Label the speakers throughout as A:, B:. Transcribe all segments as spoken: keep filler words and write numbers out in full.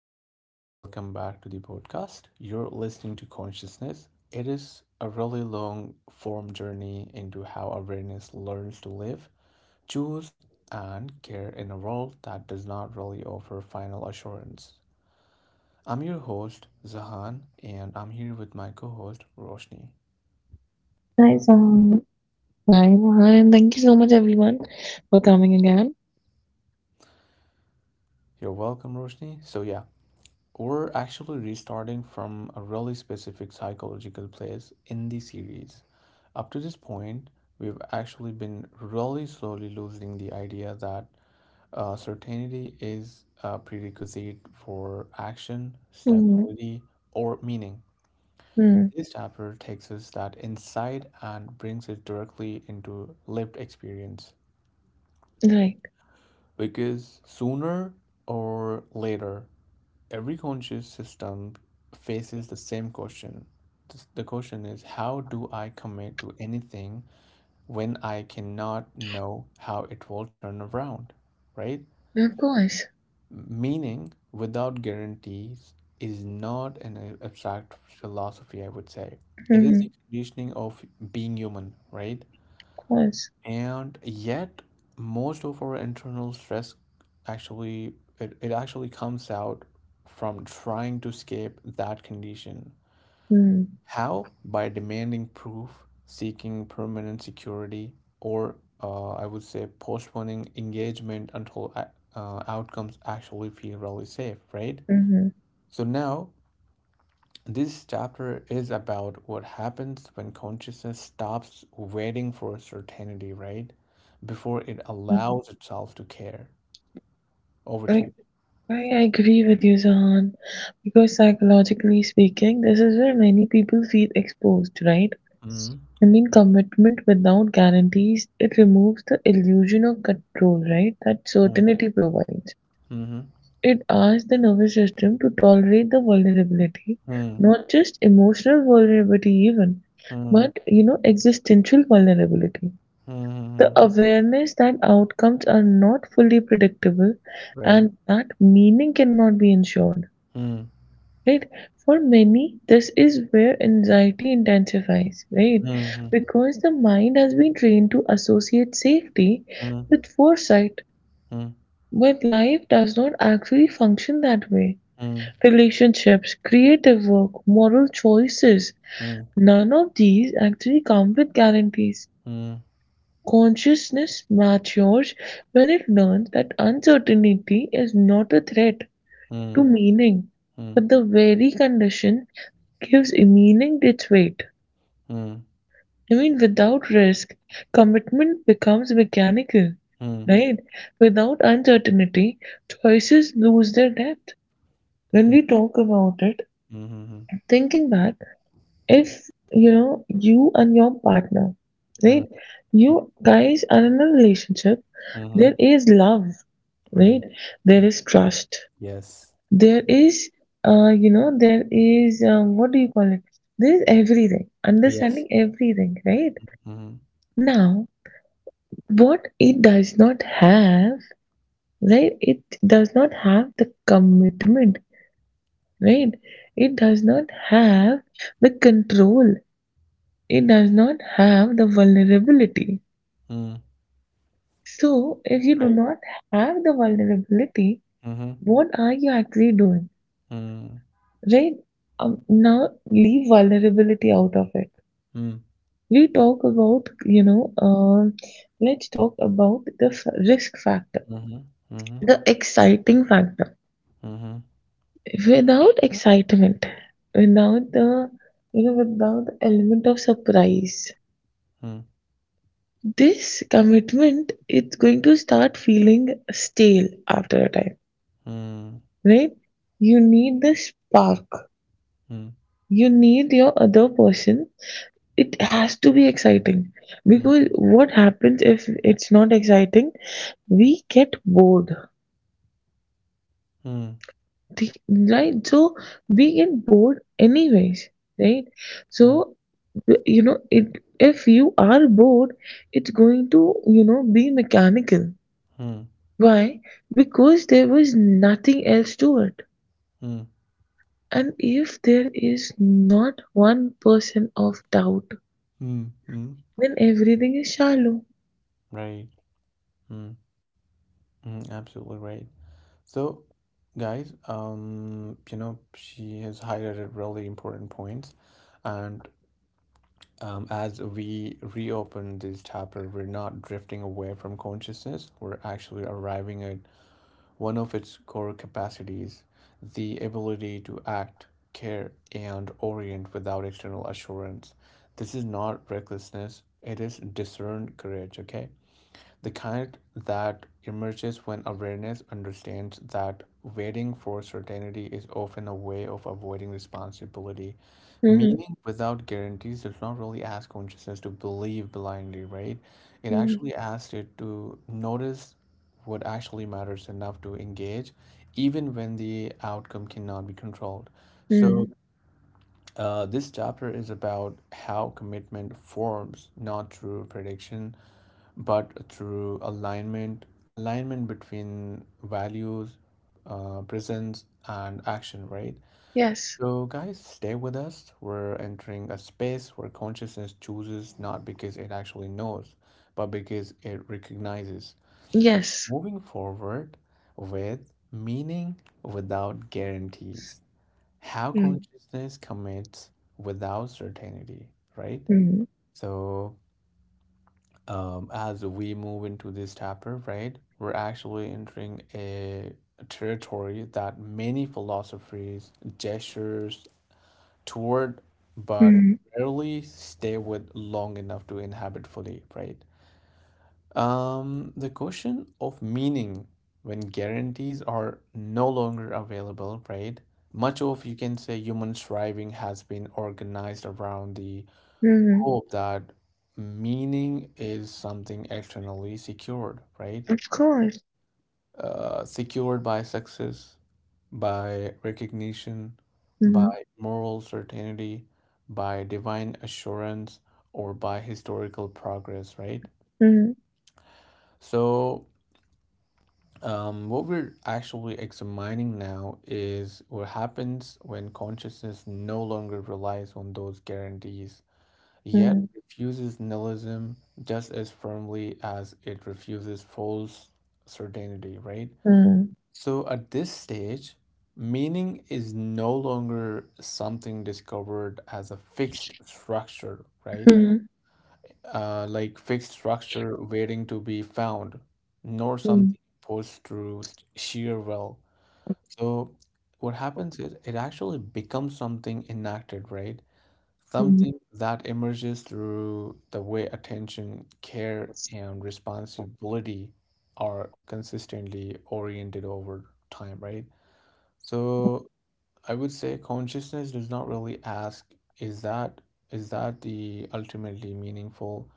A: everyone. Welcome back to the podcast. You're listening to Consciousness. It is a really long form journey into how awareness learns to live, choose, and care in a world that does not really offer final assurance. I'm your host, Zahan, and I'm here with my co host, Roshni.
B: Nice. um, Hi, Mohan, and thank you so much, everyone, for coming again.
A: You're welcome, Roshni. So, yeah, We're actually restarting from a really specific psychological place in the series. Up to this point, we've actually been really slowly losing the idea that uh, certainty is a prerequisite for action,
B: Mm,
A: stability, or meaning.
B: mm,
A: This chapter takes us that inside and brings it directly into lived experience
B: right.
A: because sooner or later, every conscious system faces the same question. The question is, how do I commit to anything when I cannot know how it will turn around? Right?
B: Of course.
A: Meaning, without guarantees, is not an abstract philosophy, I would say. It is the
B: Mm-hmm.
A: conditioning of being human, right?
B: Of course.
A: and yet most of our internal stress actually it, it actually comes out from trying to escape that condition,
B: Mm,
A: how, by demanding proof, seeking permanent security, or uh, i would say postponing engagement until uh, outcomes actually feel really safe, right?
B: mm-hmm.
A: So now this chapter is about what happens when consciousness stops waiting for certainty, right? Before it
B: Mm-hmm.
A: allows itself to care. Over to you.
B: Like, I agree with you, Zahan, because psychologically speaking, this is where many people feel exposed, right?
A: Mm-hmm.
B: I mean, commitment without guarantees, it removes the illusion of control, right? That certainty provides.
A: Mm-hmm.
B: It asks the nervous system to tolerate the vulnerability,
A: Mm-hmm.
B: not just emotional vulnerability, even,
A: Mm-hmm.
B: but you know, existential vulnerability. The
A: Mm-hmm.
B: awareness that outcomes are not fully predictable
A: Right.
B: and that meaning cannot be ensured.
A: Mm-hmm.
B: Right. For many, this is where anxiety intensifies, right?
A: Mm-hmm.
B: Because the mind has been trained to associate safety
A: Mm-hmm.
B: with foresight,
A: Mm-hmm.
B: but life does not actually function that way.
A: Mm-hmm.
B: Relationships, creative work, moral choices,
A: Mm-hmm.
B: none of these actually come with guarantees.
A: Mm-hmm.
B: Consciousness matures when it learns that uncertainty is not a threat to meaning, but the very condition gives meaning its weight. I mean, without risk, commitment becomes mechanical, right? Without uncertainty, choices lose their depth. When we talk about it,
A: Mm-hmm.
B: thinking back, if you know you and your partner, right?
A: Mm-hmm.
B: You guys are in a relationship,
A: Mm-hmm.
B: there is love, right?
A: Right.
B: There
A: Mm.
B: is trust.
A: Yes.
B: There is, uh, you know, there is, um, What do you call it? There is everything, understanding
A: Yes.
B: everything, right?
A: Mm-hmm.
B: Now, what it does not have, right? It does not have the commitment, right? It does not have the control. It does not have the vulnerability.
A: Mm.
B: So, if you do
A: Right.
B: not have the vulnerability,
A: Mm-hmm.
B: what are you actually doing,
A: Mm.
B: right? Um, now, leave vulnerability out of it.
A: Mm.
B: We talk about, you know, um Let's talk about the f- risk factor,
A: Mhm, mhm,
B: the exciting factor
A: mhm,
B: without excitement, without the you know, without the element of surprise.
A: mm,
B: This commitment it's going to start feeling stale after a time,
A: mm,
B: right? You need the spark.
A: mm,
B: You need your other person. It has to be exciting
A: Hmm.
B: because what happens if it's not exciting? We get bored.
A: Hmm.
B: The Right, so we get bored anyways, right. So
A: Hmm.
B: w- you know it, if you are bored it's going to, you know, be mechanical.
A: Hmm.
B: Why? Because there was nothing else to it.
A: Hmm.
B: And if there is not one person of doubt
A: Hmm. mm.
B: then everything is shallow.
A: Right. Mm, mm, absolutely right. So, guys, um, you know, she has highlighted really important points, and um, as we reopen this chapter, we're not drifting away from consciousness. We're actually arriving at One of its core capacities, the ability to act, care, and orient without external assurance. This is not recklessness, it is discerned courage, okay? The kind that emerges when awareness understands that waiting for certainty is often a way of avoiding responsibility.
B: Hmm, hmm.
A: Meaning without guarantees does not really ask consciousness to believe blindly, right? It
B: Hmm.
A: actually asks it to notice what actually matters enough to engage, even when the outcome cannot be controlled. So,
B: Hmm.
A: uh, this chapter is about how commitment forms, not through prediction but through alignment alignment between values, uh, presence, and action, right?
B: Yes.
A: So, guys, stay with us. We're entering a space where consciousness chooses not because it actually knows but because it recognizes.
B: Yes.
A: Moving forward with meaning without guarantees, how
B: Mm,
A: consciousness commits without certainty, right?
B: mm,
A: So, um, as we move into this chapter, right, we're actually entering a territory that many philosophies gestures toward, but
B: mm,
A: rarely stay with long enough to inhabit fully, right? Um, the question of meaning when guarantees are no longer available, right? Much of you can say human striving has been organized around the
B: mm,
A: hope that meaning is something externally secured, right?
B: of course.
A: Uh, secured by success, by recognition,
B: Mm,
A: by moral certainty, by divine assurance, or by historical progress, right?
B: mm,
A: So, um, what we're actually examining now is what happens when consciousness no longer relies on those guarantees yet
B: mm,
A: refuses nihilism just as firmly as it refuses false certainty, right?
B: mm,
A: So at this stage, meaning is no longer something discovered as a fixed structure, right?
B: mm.
A: Uh, like fixed structure waiting to be found, nor
B: Mm,
A: something imposed through s- sheer will. So what happens is it actually becomes something enacted, right?
B: mm.
A: Something that emerges through the way attention, care, and responsibility are consistently oriented over time, right? So I would say consciousness does not really ask, is that is that the ultimately meaningful?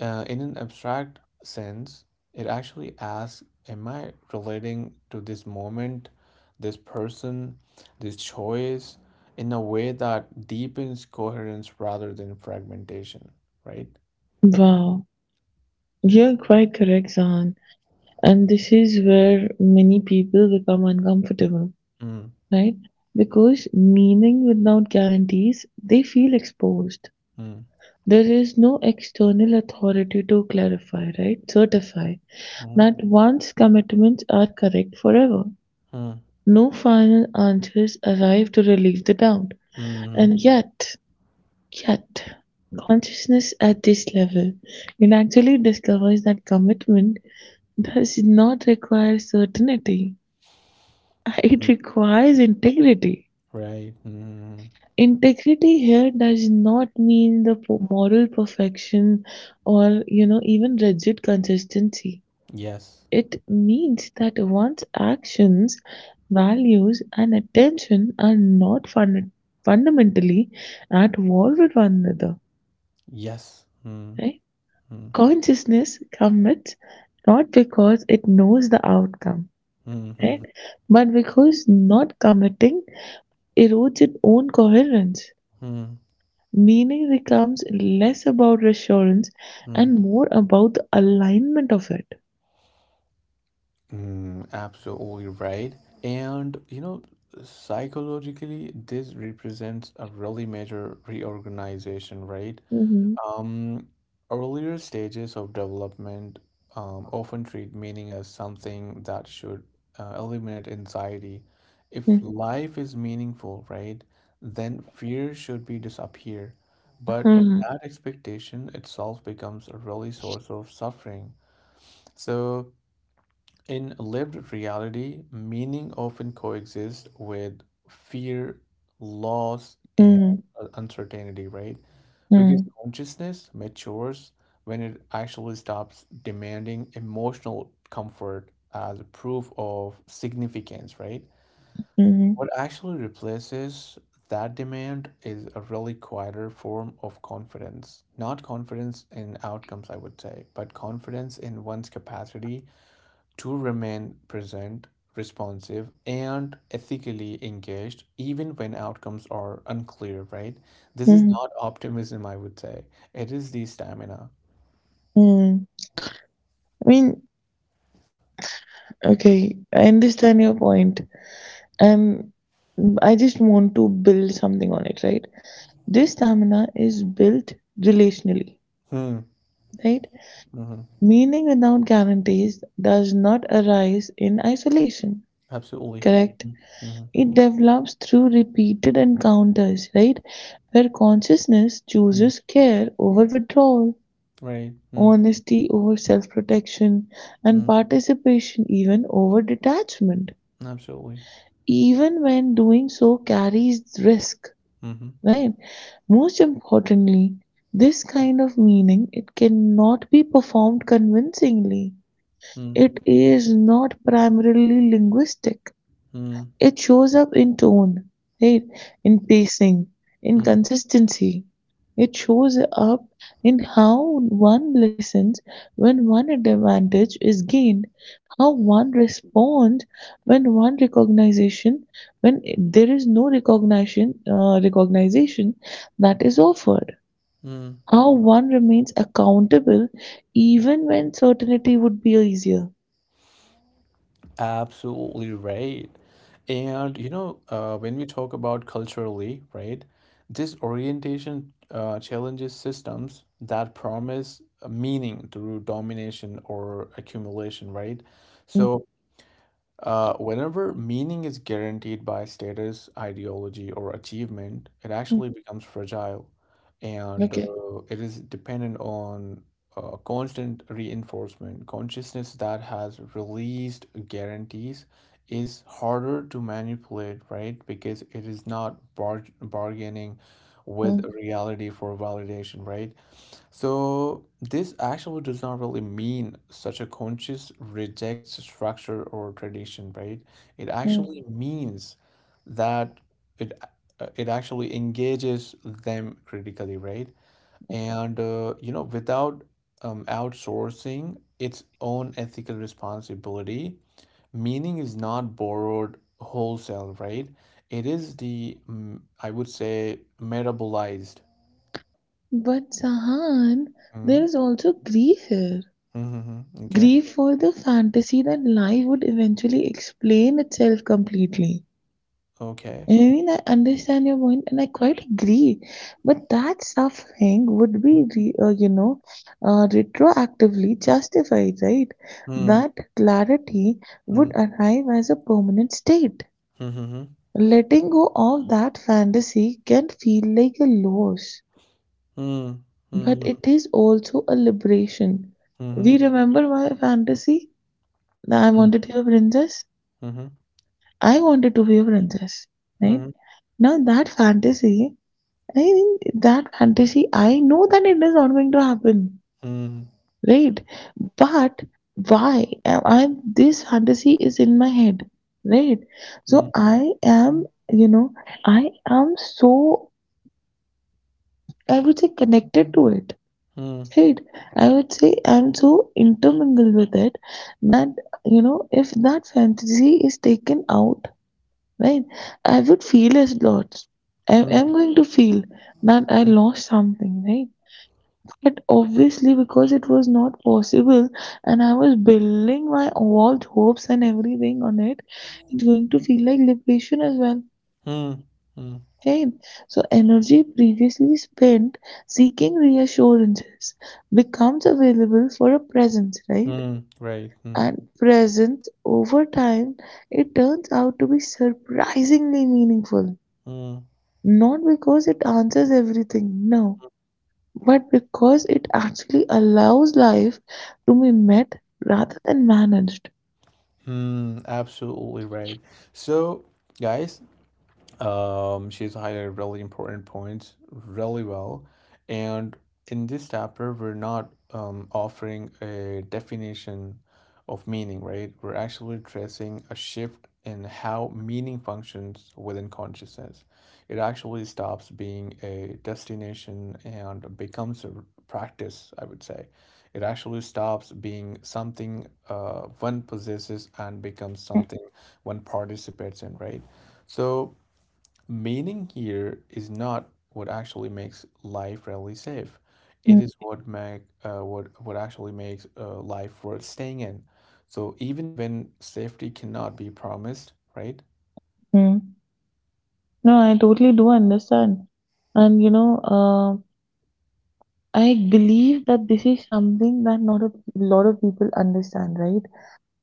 A: Uh, in an abstract sense, it actually asks, am I relating to this moment, this person, this choice in a way that deepens coherence rather than fragmentation, right?
B: Wow, you're quite correct, Zahan. And this is where many people become uncomfortable,
A: Mm,
B: right? Because meaning without guarantees, they feel exposed.
A: mm,
B: There is no external authority to clarify, right? Certify
A: mm,
B: that one's commitments are correct forever.
A: mm,
B: No final answers arrive to relieve the doubt.
A: mm,
B: And yet, yet, consciousness at this level, it actually discovers that commitment does not require certainty. It
A: mm,
B: requires integrity.
A: right. Mm,
B: Integrity here does not mean the po- moral perfection or, you know, even rigid consistency.
A: yes.
B: It means that one's actions, values, and attention are not fun- fundamentally at war with one another.
A: Yes. Mm,
B: Right?
A: mm,
B: Consciousness commits not because it knows the outcome,
A: mm,
B: right?
A: mm,
B: But because not committing erodes its own coherence.
A: mm,
B: Meaning becomes less about reassurance
A: mm.
B: and more about the alignment of it.
A: Mm, absolutely right. And you know, psychologically, this represents a really major reorganization, right?
B: Mhm,
A: Um, Earlier stages of development um, often treat meaning as something that should uh, eliminate anxiety. If
B: mhm,
A: life is meaningful, right, then fear should be disappear. But
B: mhm,
A: that expectation itself becomes a really source of suffering. So. In lived reality, meaning often coexists with fear, loss, and
B: mhm,
A: uh, uncertainty, right? Because
B: mhm,
A: consciousness matures when it actually stops demanding emotional comfort as proof of significance, right?
B: mhm,
A: What actually replaces that demand is a really quieter form of confidence. Not confidence in outcomes, I would say, but confidence in one's capacity to remain present, responsive, and ethically engaged, even when outcomes are unclear, right? This is
B: mhm,
A: not optimism, I would say. It is the stamina.
B: mhm. I mean, okay, I understand your point, point. And I just want to build something on it, right? This stamina is built relationally,
A: Hmm.
B: right?
A: hmm
B: Meaning without guarantees does not arise in isolation,
A: Absolutely.
B: correct?
A: Mm-hmm.
B: It develops through repeated encounters, right? Where consciousness
A: Mm-hmm.
B: chooses care over withdrawal,
A: Right.
B: honesty over self-protection, and
A: Mm-hmm.
B: participation even over detachment.
A: Absolutely.
B: Even when doing so carries risk,
A: Mm-hmm.
B: right? Most importantly, this kind of meaning it cannot be performed convincingly. It is not primarily linguistic.
A: Mm-hmm.
B: It shows up in tone, right? In pacing, in consistency. It shows up in how one listens when one advantage is gained, how one responds when one recognition, when there is no recognition, uh, recognition that is offered.
A: Mm-hmm.
B: How one remains accountable even when certainty would be easier.
A: Absolutely right. And you know, uh, when we talk about culturally, right, this orientation uh, challenges systems that promise a meaning through domination or accumulation, right? So, uh, whenever meaning is guaranteed by status, ideology, or achievement, it
B: Mhm.
A: actually becomes fragile and
B: Okay.
A: uh, it is dependent on uh, constant reinforcement. Consciousness that has released guarantees is harder to manipulate, right? Because it is not bar bargaining with reality for validation, right? So this actually does not really mean such a conscious rejects structure or tradition, right? It actually
B: Mhm.
A: means that it uh, it actually engages them critically, right? And uh, you know, without um, outsourcing its own ethical responsibility, meaning is not borrowed wholesale, right? It is the mm, I would say metabolized.
B: But Sahan,
A: Mm-hmm.
B: there is also grief here.
A: Mm-hmm. Mm-hmm. Okay.
B: Grief for the fantasy that life would eventually explain itself completely.
A: Okay.
B: I mean, I understand your point and I quite agree, but that suffering would
A: Mhm.
B: be, re- uh, you know, uh, retroactively justified, right?
A: Mm,
B: That clarity
A: mm,
B: would arrive as a permanent state.
A: mhm, mhm.
B: Letting go of that fantasy can feel like a loss,
A: Mm,
B: but
A: mhm,
B: it is also a liberation. We
A: mhm,
B: remember my fantasy that I
A: mm,
B: wanted to be a princess.
A: mhm,
B: I wanted to be a princess, right?
A: mhm,
B: Now, that fantasy, I think that fantasy, I know that it is not going to happen,
A: mm,
B: right? But why am I this fantasy is in my head, right?
A: mm,
B: So I am, you know, I am so, I would say, connected to it,
A: mm,
B: right? I would say I'm so intermingled with it that, you know, if that fantasy is taken out, right, I would feel as lost. I
A: mm,
B: am going to feel that I
A: mm,
B: lost something, right? But obviously, because it was not possible, and I was building my vault hopes and everything on it, it's going to feel like liberation as well.
A: mm, mm,
B: Okay, so energy previously spent seeking reassurances becomes available for a presence, right?
A: mm. Right. Mm,
B: And presence over time, it turns out to be surprisingly meaningful.
A: mm,
B: Not because it answers everything, no, but because it actually allows life to be met rather than managed.
A: mm. Absolutely right. So, guys, Um, she's highlighted really important points really well. And in this chapter, we're not um, offering a definition of meaning, right? We're actually tracing a shift in how meaning functions within consciousness. It actually stops being a destination and becomes a practice, I would say. It actually stops being something, uh, one possesses, and becomes something one participates in, right? So, meaning here is not what actually makes life really safe. It
B: Hmm.
A: is what make uh, what what actually makes, uh, life worth staying in. So even when safety cannot be promised, right?
B: No, I totally do understand. And you know, uh, I believe that this is something that not a lot of people understand, right?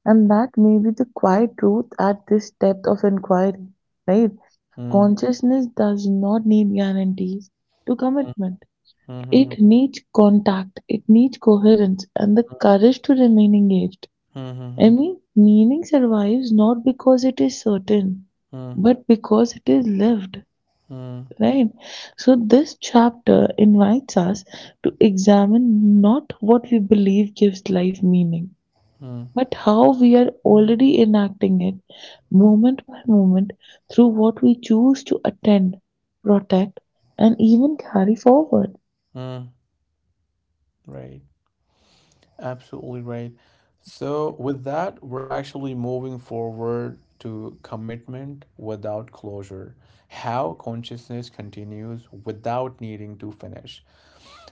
B: And that may be the quiet truth at this depth of inquiry, right?
A: Mm,
B: Consciousness does not need guarantees to
A: mm,
B: commitment.
A: mm, mm,
B: It needs contact, it needs coherence, and the courage to remain engaged. I
A: mm,
B: mean, meaning survives not because it is certain,
A: mm, mm, mm,
B: but because it is lived,
A: mm,
B: right? So, this chapter invites us to examine not what we believe gives life meaning,
A: mm,
B: but how we are already enacting it moment by moment through what we choose to attend, protect, and even carry forward.
A: mm, right. Absolutely right. So, with that, we're actually moving forward to commitment without closure. How consciousness continues without needing to finish.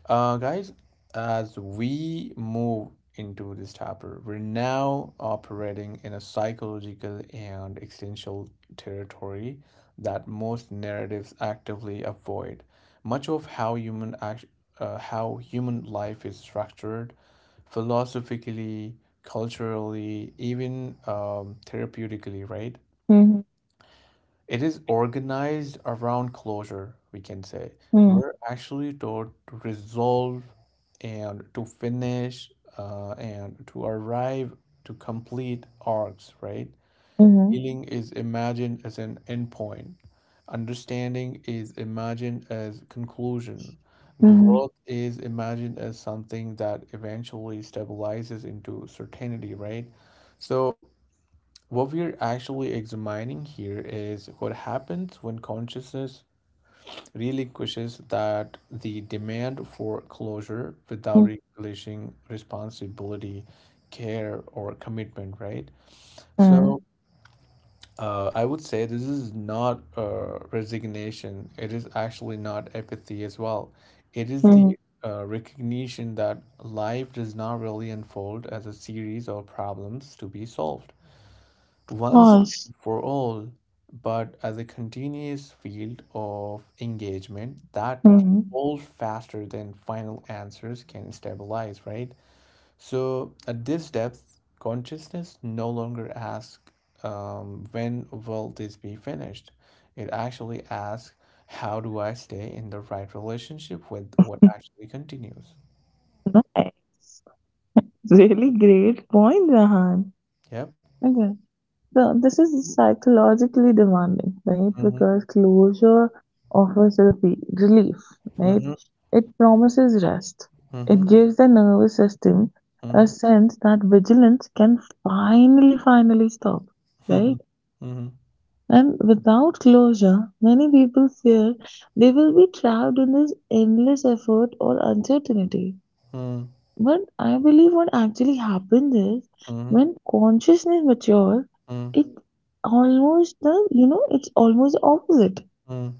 A: Uh, guys, as we move into this chapter, we're now operating in a psychological and existential territory that most narratives actively avoid. Much of how human act, uh, how human life is structured, philosophically, culturally, even um, therapeutically, right?
B: Mhm,
A: It is organized around closure, we can say.
B: mhm,
A: We're actually taught to resolve and to finish, uh, and to arrive, to complete arcs, right?
B: mhm,
A: Healing is imagined as an endpoint. Understanding is imagined as conclusion.
B: mhm,
A: Growth is imagined as something that eventually stabilizes into certainty, right? So what we're actually examining here is what happens when consciousness relinquishes that the demand for closure without relinquishing responsibility, care, or commitment, right? So,
B: mhm,
A: uh, I would say this is not, uh, resignation. It is actually not apathy as well. It is
B: mhm.
A: the, uh, recognition that life does not really unfold as a series of problems to be solved once
B: Pause.
A: and for all, but as a continuous field of engagement that
B: Mhm.
A: evolves faster than final answers can stabilize, right? So at this depth, consciousness no longer asks, um, when will this be finished? It actually asks, how do I stay in the right relationship with what actually continues?
B: Really great point, Rahan.
A: Yep.
B: Okay, so this is psychologically demanding, right?
A: Mm-hmm.
B: Because closure offers refi- relief, right?
A: Mm-hmm.
B: It promises rest. It
A: Mm-hmm.
B: gives the nervous system a
A: Mm-hmm.
B: sense that vigilance can finally, finally stop,
A: Mm-hmm.
B: right? And without closure, many people fear they will be trapped in this endless effort or uncertainty,
A: Mm-hmm.
B: but I believe what actually happens is
A: Mm-hmm.
B: when consciousness matures, it almost the you know it's almost the opposite.
A: Mm-hmm.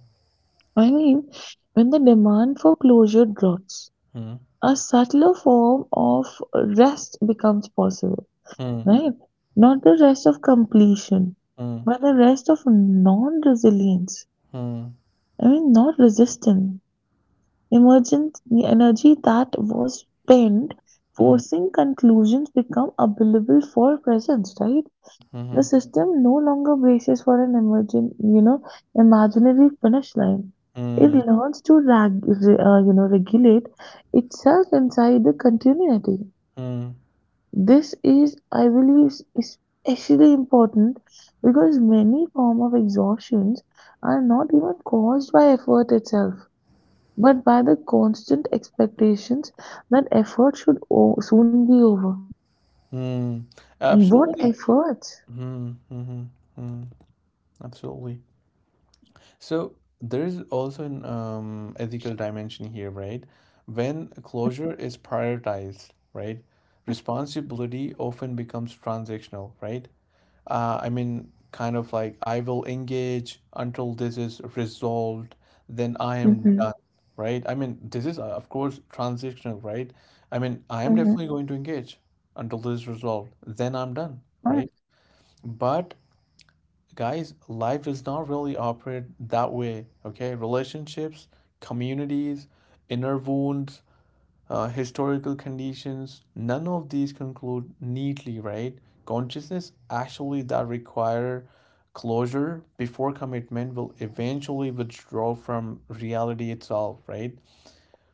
B: I mean, when the demand for closure drops,
A: Mm,
B: a subtler form of rest becomes possible,
A: mm,
B: right? Not the rest of completion,
A: mm,
B: but the rest of non-resilience.
A: mm,
B: I mean, not resistance. Emergent energy that was spent
A: mm,
B: forcing conclusions become available for presence, right?
A: mm, mhm,
B: The system no longer braces for an emergent, you know, imaginary finish line. It
A: mm,
B: learns to rag, re- uh, you know, regulate itself inside the continuity.
A: mm,
B: This, is, I believe, is especially important because many form of exhaustions are not even caused by effort itself but by the constant expectations that effort should o- soon be over.
A: mm.
B: What
A: Absolutely.
B: efforts?
A: Mm, mhm, mm, absolutely. So there is also an, um, ethical dimension here, right? When closure is prioritized, right? Responsibility often becomes transactional, right? uh, I mean, kind of like, I will engage until this is resolved, then I am
B: Mm-hmm.
A: done, right? I mean, this is, uh, of course, transitional, right? I mean, I am
B: Mm-hmm.
A: definitely going to engage until this is resolved, then I'm done,
B: Oh,
A: right? But guys, life does not really operate that way, okay? Relationships, communities, inner wounds, uh, historical conditions, none of these conclude neatly, right? Consciousness actually that require closure before commitment will eventually withdraw from reality itself, right?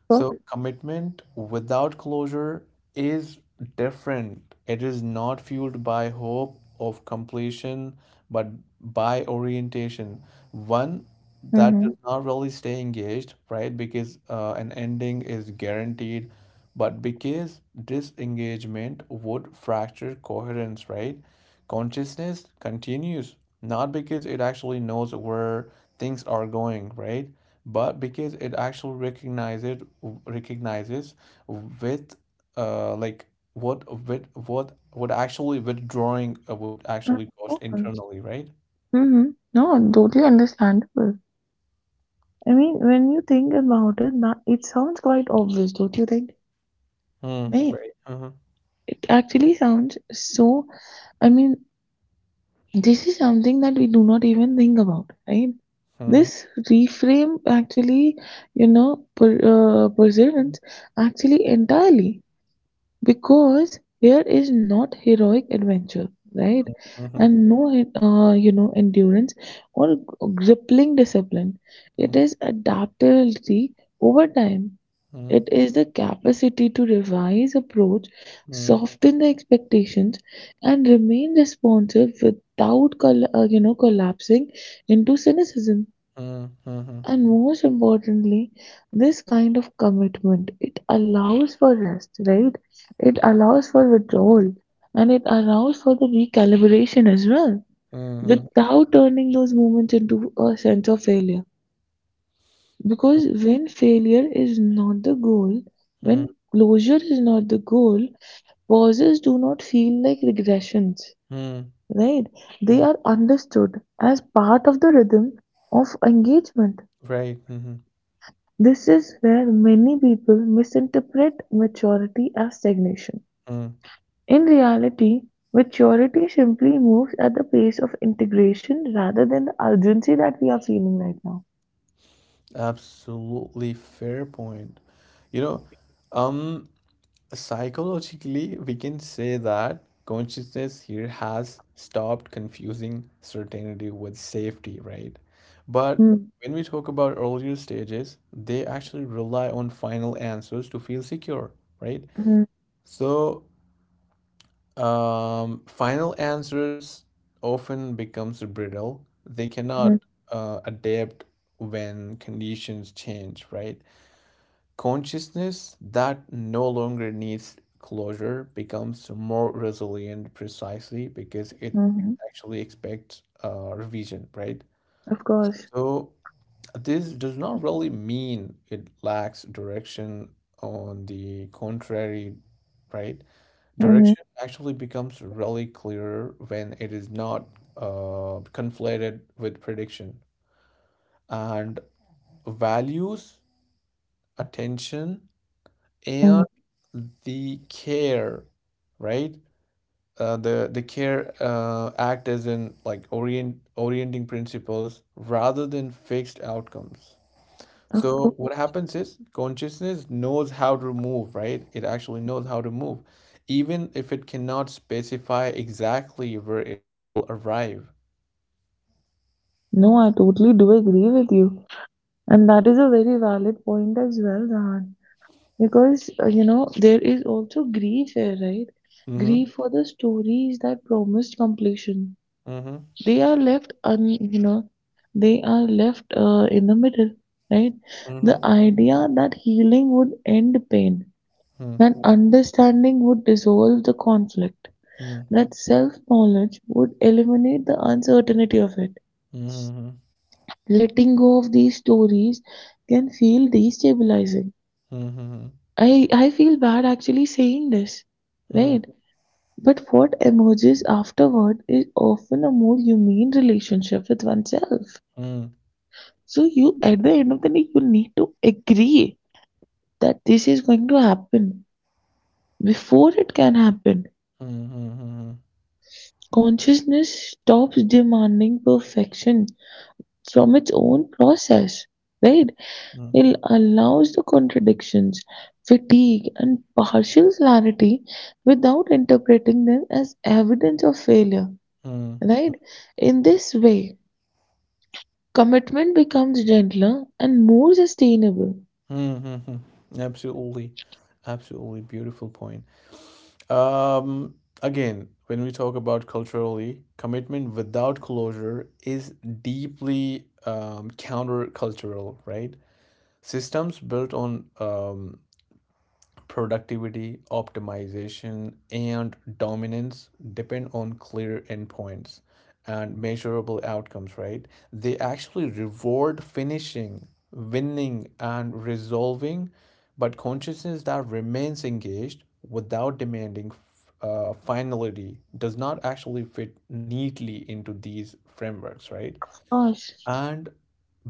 B: of
A: So
B: course.
A: commitment without closure is different. It is not fueled by hope of completion, but by orientation. One that
B: Mm-hmm.
A: does not really stay engaged, right? Because, uh, an ending is guaranteed but because disengagement would fracture coherence, right? Consciousness continues, not because it actually knows where things are going, right? But because it actually recognizes recognizes with, uh like, what, with what would actually withdrawing, uh, would
B: Of
A: actually cost
B: course.
A: internally, right?
B: Mm-hmm. No, totally understandable. I mean, when you think about it, that it sounds quite obvious, don't you think?
A: Mm,
B: Right.
A: right. Mm-hmm.
B: It actually sounds so. I mean, this is something that we do not even think about, right?
A: Mm-hmm.
B: This reframe actually, you know, per, uh, perseverance actually entirely because here is not heroic adventure, right?
A: Mm-hmm.
B: And no, uh, you know, endurance or gripping discipline. It is adaptability over time.
A: Mm-hmm.
B: It is the capacity to revise approach,
A: Mm-hmm.
B: soften the expectations, and remain responsive without col- uh, you know collapsing into cynicism.
A: Mm-hmm.
B: And most importantly, this kind of commitment it allows for rest, right? It allows for withdrawal, and it allows for the recalibration as well,
A: Mm-hmm.
B: without turning those moments into a sense of failure. Because when failure is not the goal, when closure is not the goal, pauses do not feel like regressions,
A: Mm-hmm.
B: right? They
A: Mm,
B: are understood as part of the rhythm of engagement.
A: right. Hmm.
B: This is where many people misinterpret maturity as stagnation.
A: Mm,
B: In reality, maturity simply moves at the pace of integration rather than the urgency that we are feeling right now.
A: absolutely fair point. You know, um, Psychologically, we can say that consciousness here has stopped confusing certainty with safety, right? But
B: Mm,
A: when we talk about earlier stages, they actually rely on final answers to feel secure, right?
B: mm,
A: So, Um, final answers often becomes brittle. They
B: mm,
A: cannot uh, adapt when conditions change, right? Consciousness that no longer needs closure becomes more resilient precisely because it
B: mm.
A: actually expects, uh, revision, right?
B: Of course.
A: So this does not really mean it lacks direction. On the contrary, right?
B: Mm-hmm.
A: Direction actually becomes really clearer when it is not uh, conflated with prediction. And values, attention, and the care, right? Uh, the the care, uh, act as in like orient orienting principles rather than fixed outcomes.
B: Of
A: So
B: course.
A: what happens is consciousness knows how to move, right? It actually knows how to move, even if it cannot specify exactly where it will arrive.
B: No, I totally do agree with you. And that is a very valid point as well, Zahan. Because, uh, you know, there is also grief here, right?
A: Mm-hmm.
B: Grief for the stories that promised completion.
A: Mm-hmm.
B: They are left, un, you know, they are left uh, in the middle, right?
A: Mm-hmm.
B: The idea that healing would end pain, that understanding would dissolve the conflict,
A: Mm-hmm.
B: that self knowledge would eliminate the uncertainty of it
A: Mm-hmm.
B: letting go of these stories can feel destabilizing.
A: Mm-hmm.
B: I, I feel bad actually saying this,
A: Mm-hmm.
B: right? But what emerges afterward is often a more humane relationship with oneself. So you, at the end of the day, you need to agree that this is going to happen before it can happen.
A: Mm-hmm.
B: Consciousness stops demanding perfection from its own process, right? It allows the contradictions, fatigue, and partial clarity without interpreting them as evidence of failure.
A: Mm-hmm.
B: Right? In this way, commitment becomes gentler and more sustainable.
A: Mm-hmm. Absolutely. Absolutely beautiful point. Um, Again, when we talk about culturally, commitment without closure is deeply um, countercultural, right? Systems built on um, productivity, optimization, and dominance depend on clear endpoints and measurable outcomes, right? They actually reward finishing, winning, and resolving, but consciousness that remains engaged without demanding uh, finality does not actually fit neatly into these frameworks, right?
B: Gosh.
A: And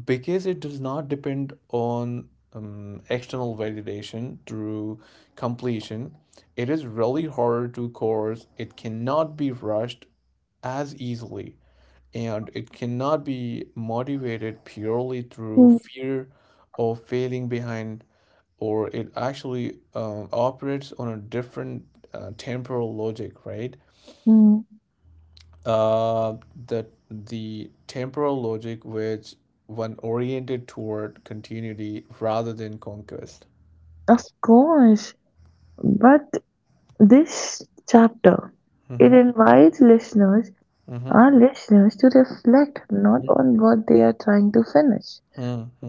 A: because it does not depend on um, external validation through completion, it is really hard to course. It cannot be rushed as easily, and it cannot be motivated purely through
B: Hmm,
A: fear of failing behind, or it actually um, operates on a different, uh, temporal logic, right?
B: hmm.
A: Uh, the the temporal logic which one oriented toward continuity rather than conquest.
B: Of course. But this chapter, it
A: Mm-hmm.
B: invites listeners,
A: Mm-hmm.
B: our listeners, to reflect not on what they are trying to finish,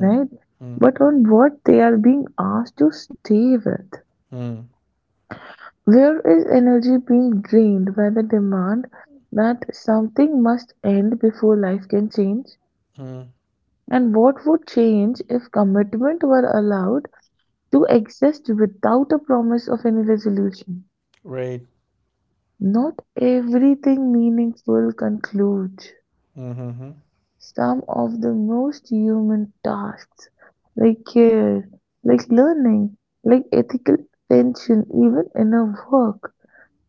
B: right? But on what they are being asked to stay with.
A: Mm-hmm.
B: Where is energy being drained by the demand that something must end before life can change?
A: Mm-hmm.
B: And what would change if commitment were allowed to exist without a promise of any resolution?
A: Right.
B: Not everything meaningful concludes.
A: Mm-hmm.
B: Some of the most human tasks, like care, like learning, like ethical tension, even inner work,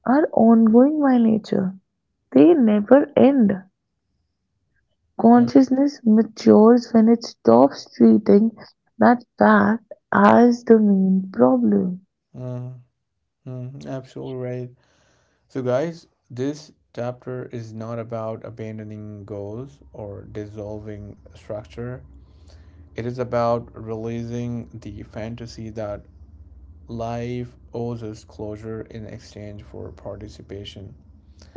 B: are ongoing by nature. They never end. Consciousness matures when it stops treating that fact as the main problem.
A: Mm-hmm. Absolutely right. So, guys, this chapter is not about abandoning goals or dissolving structure. It is about releasing the fantasy that Life owes us closure in exchange for participation.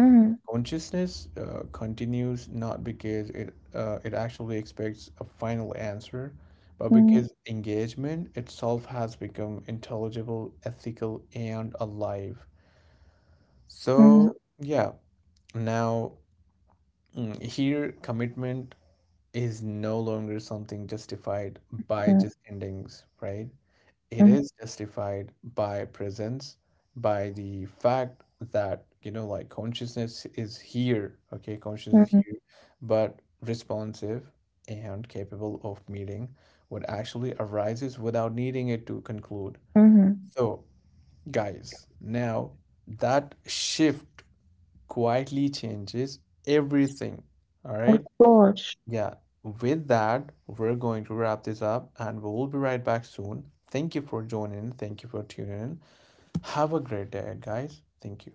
B: Mm,
A: Consciousness, uh, continues not because it uh, it actually expects a final answer, but
B: mm,
A: because engagement itself has become intelligible, ethical, and alive.
B: mm,
A: So yeah, now, mm, here commitment is no longer something justified by
B: mm,
A: just endings, right? It
B: mm,
A: is justified by presence, by the fact that, you know, like, consciousness is here, okay, consciousness is
B: mm,
A: here, but responsive and capable of meeting what actually arises without needing it to conclude.
B: mm.
A: So, guys, now that shift quietly changes everything, all
B: Of
A: right?
B: course.
A: Yeah, with that, we're going to wrap this up and we'll be right back soon. Thank you for joining. Thank you for tuning in. Have a great day, guys. Thank you.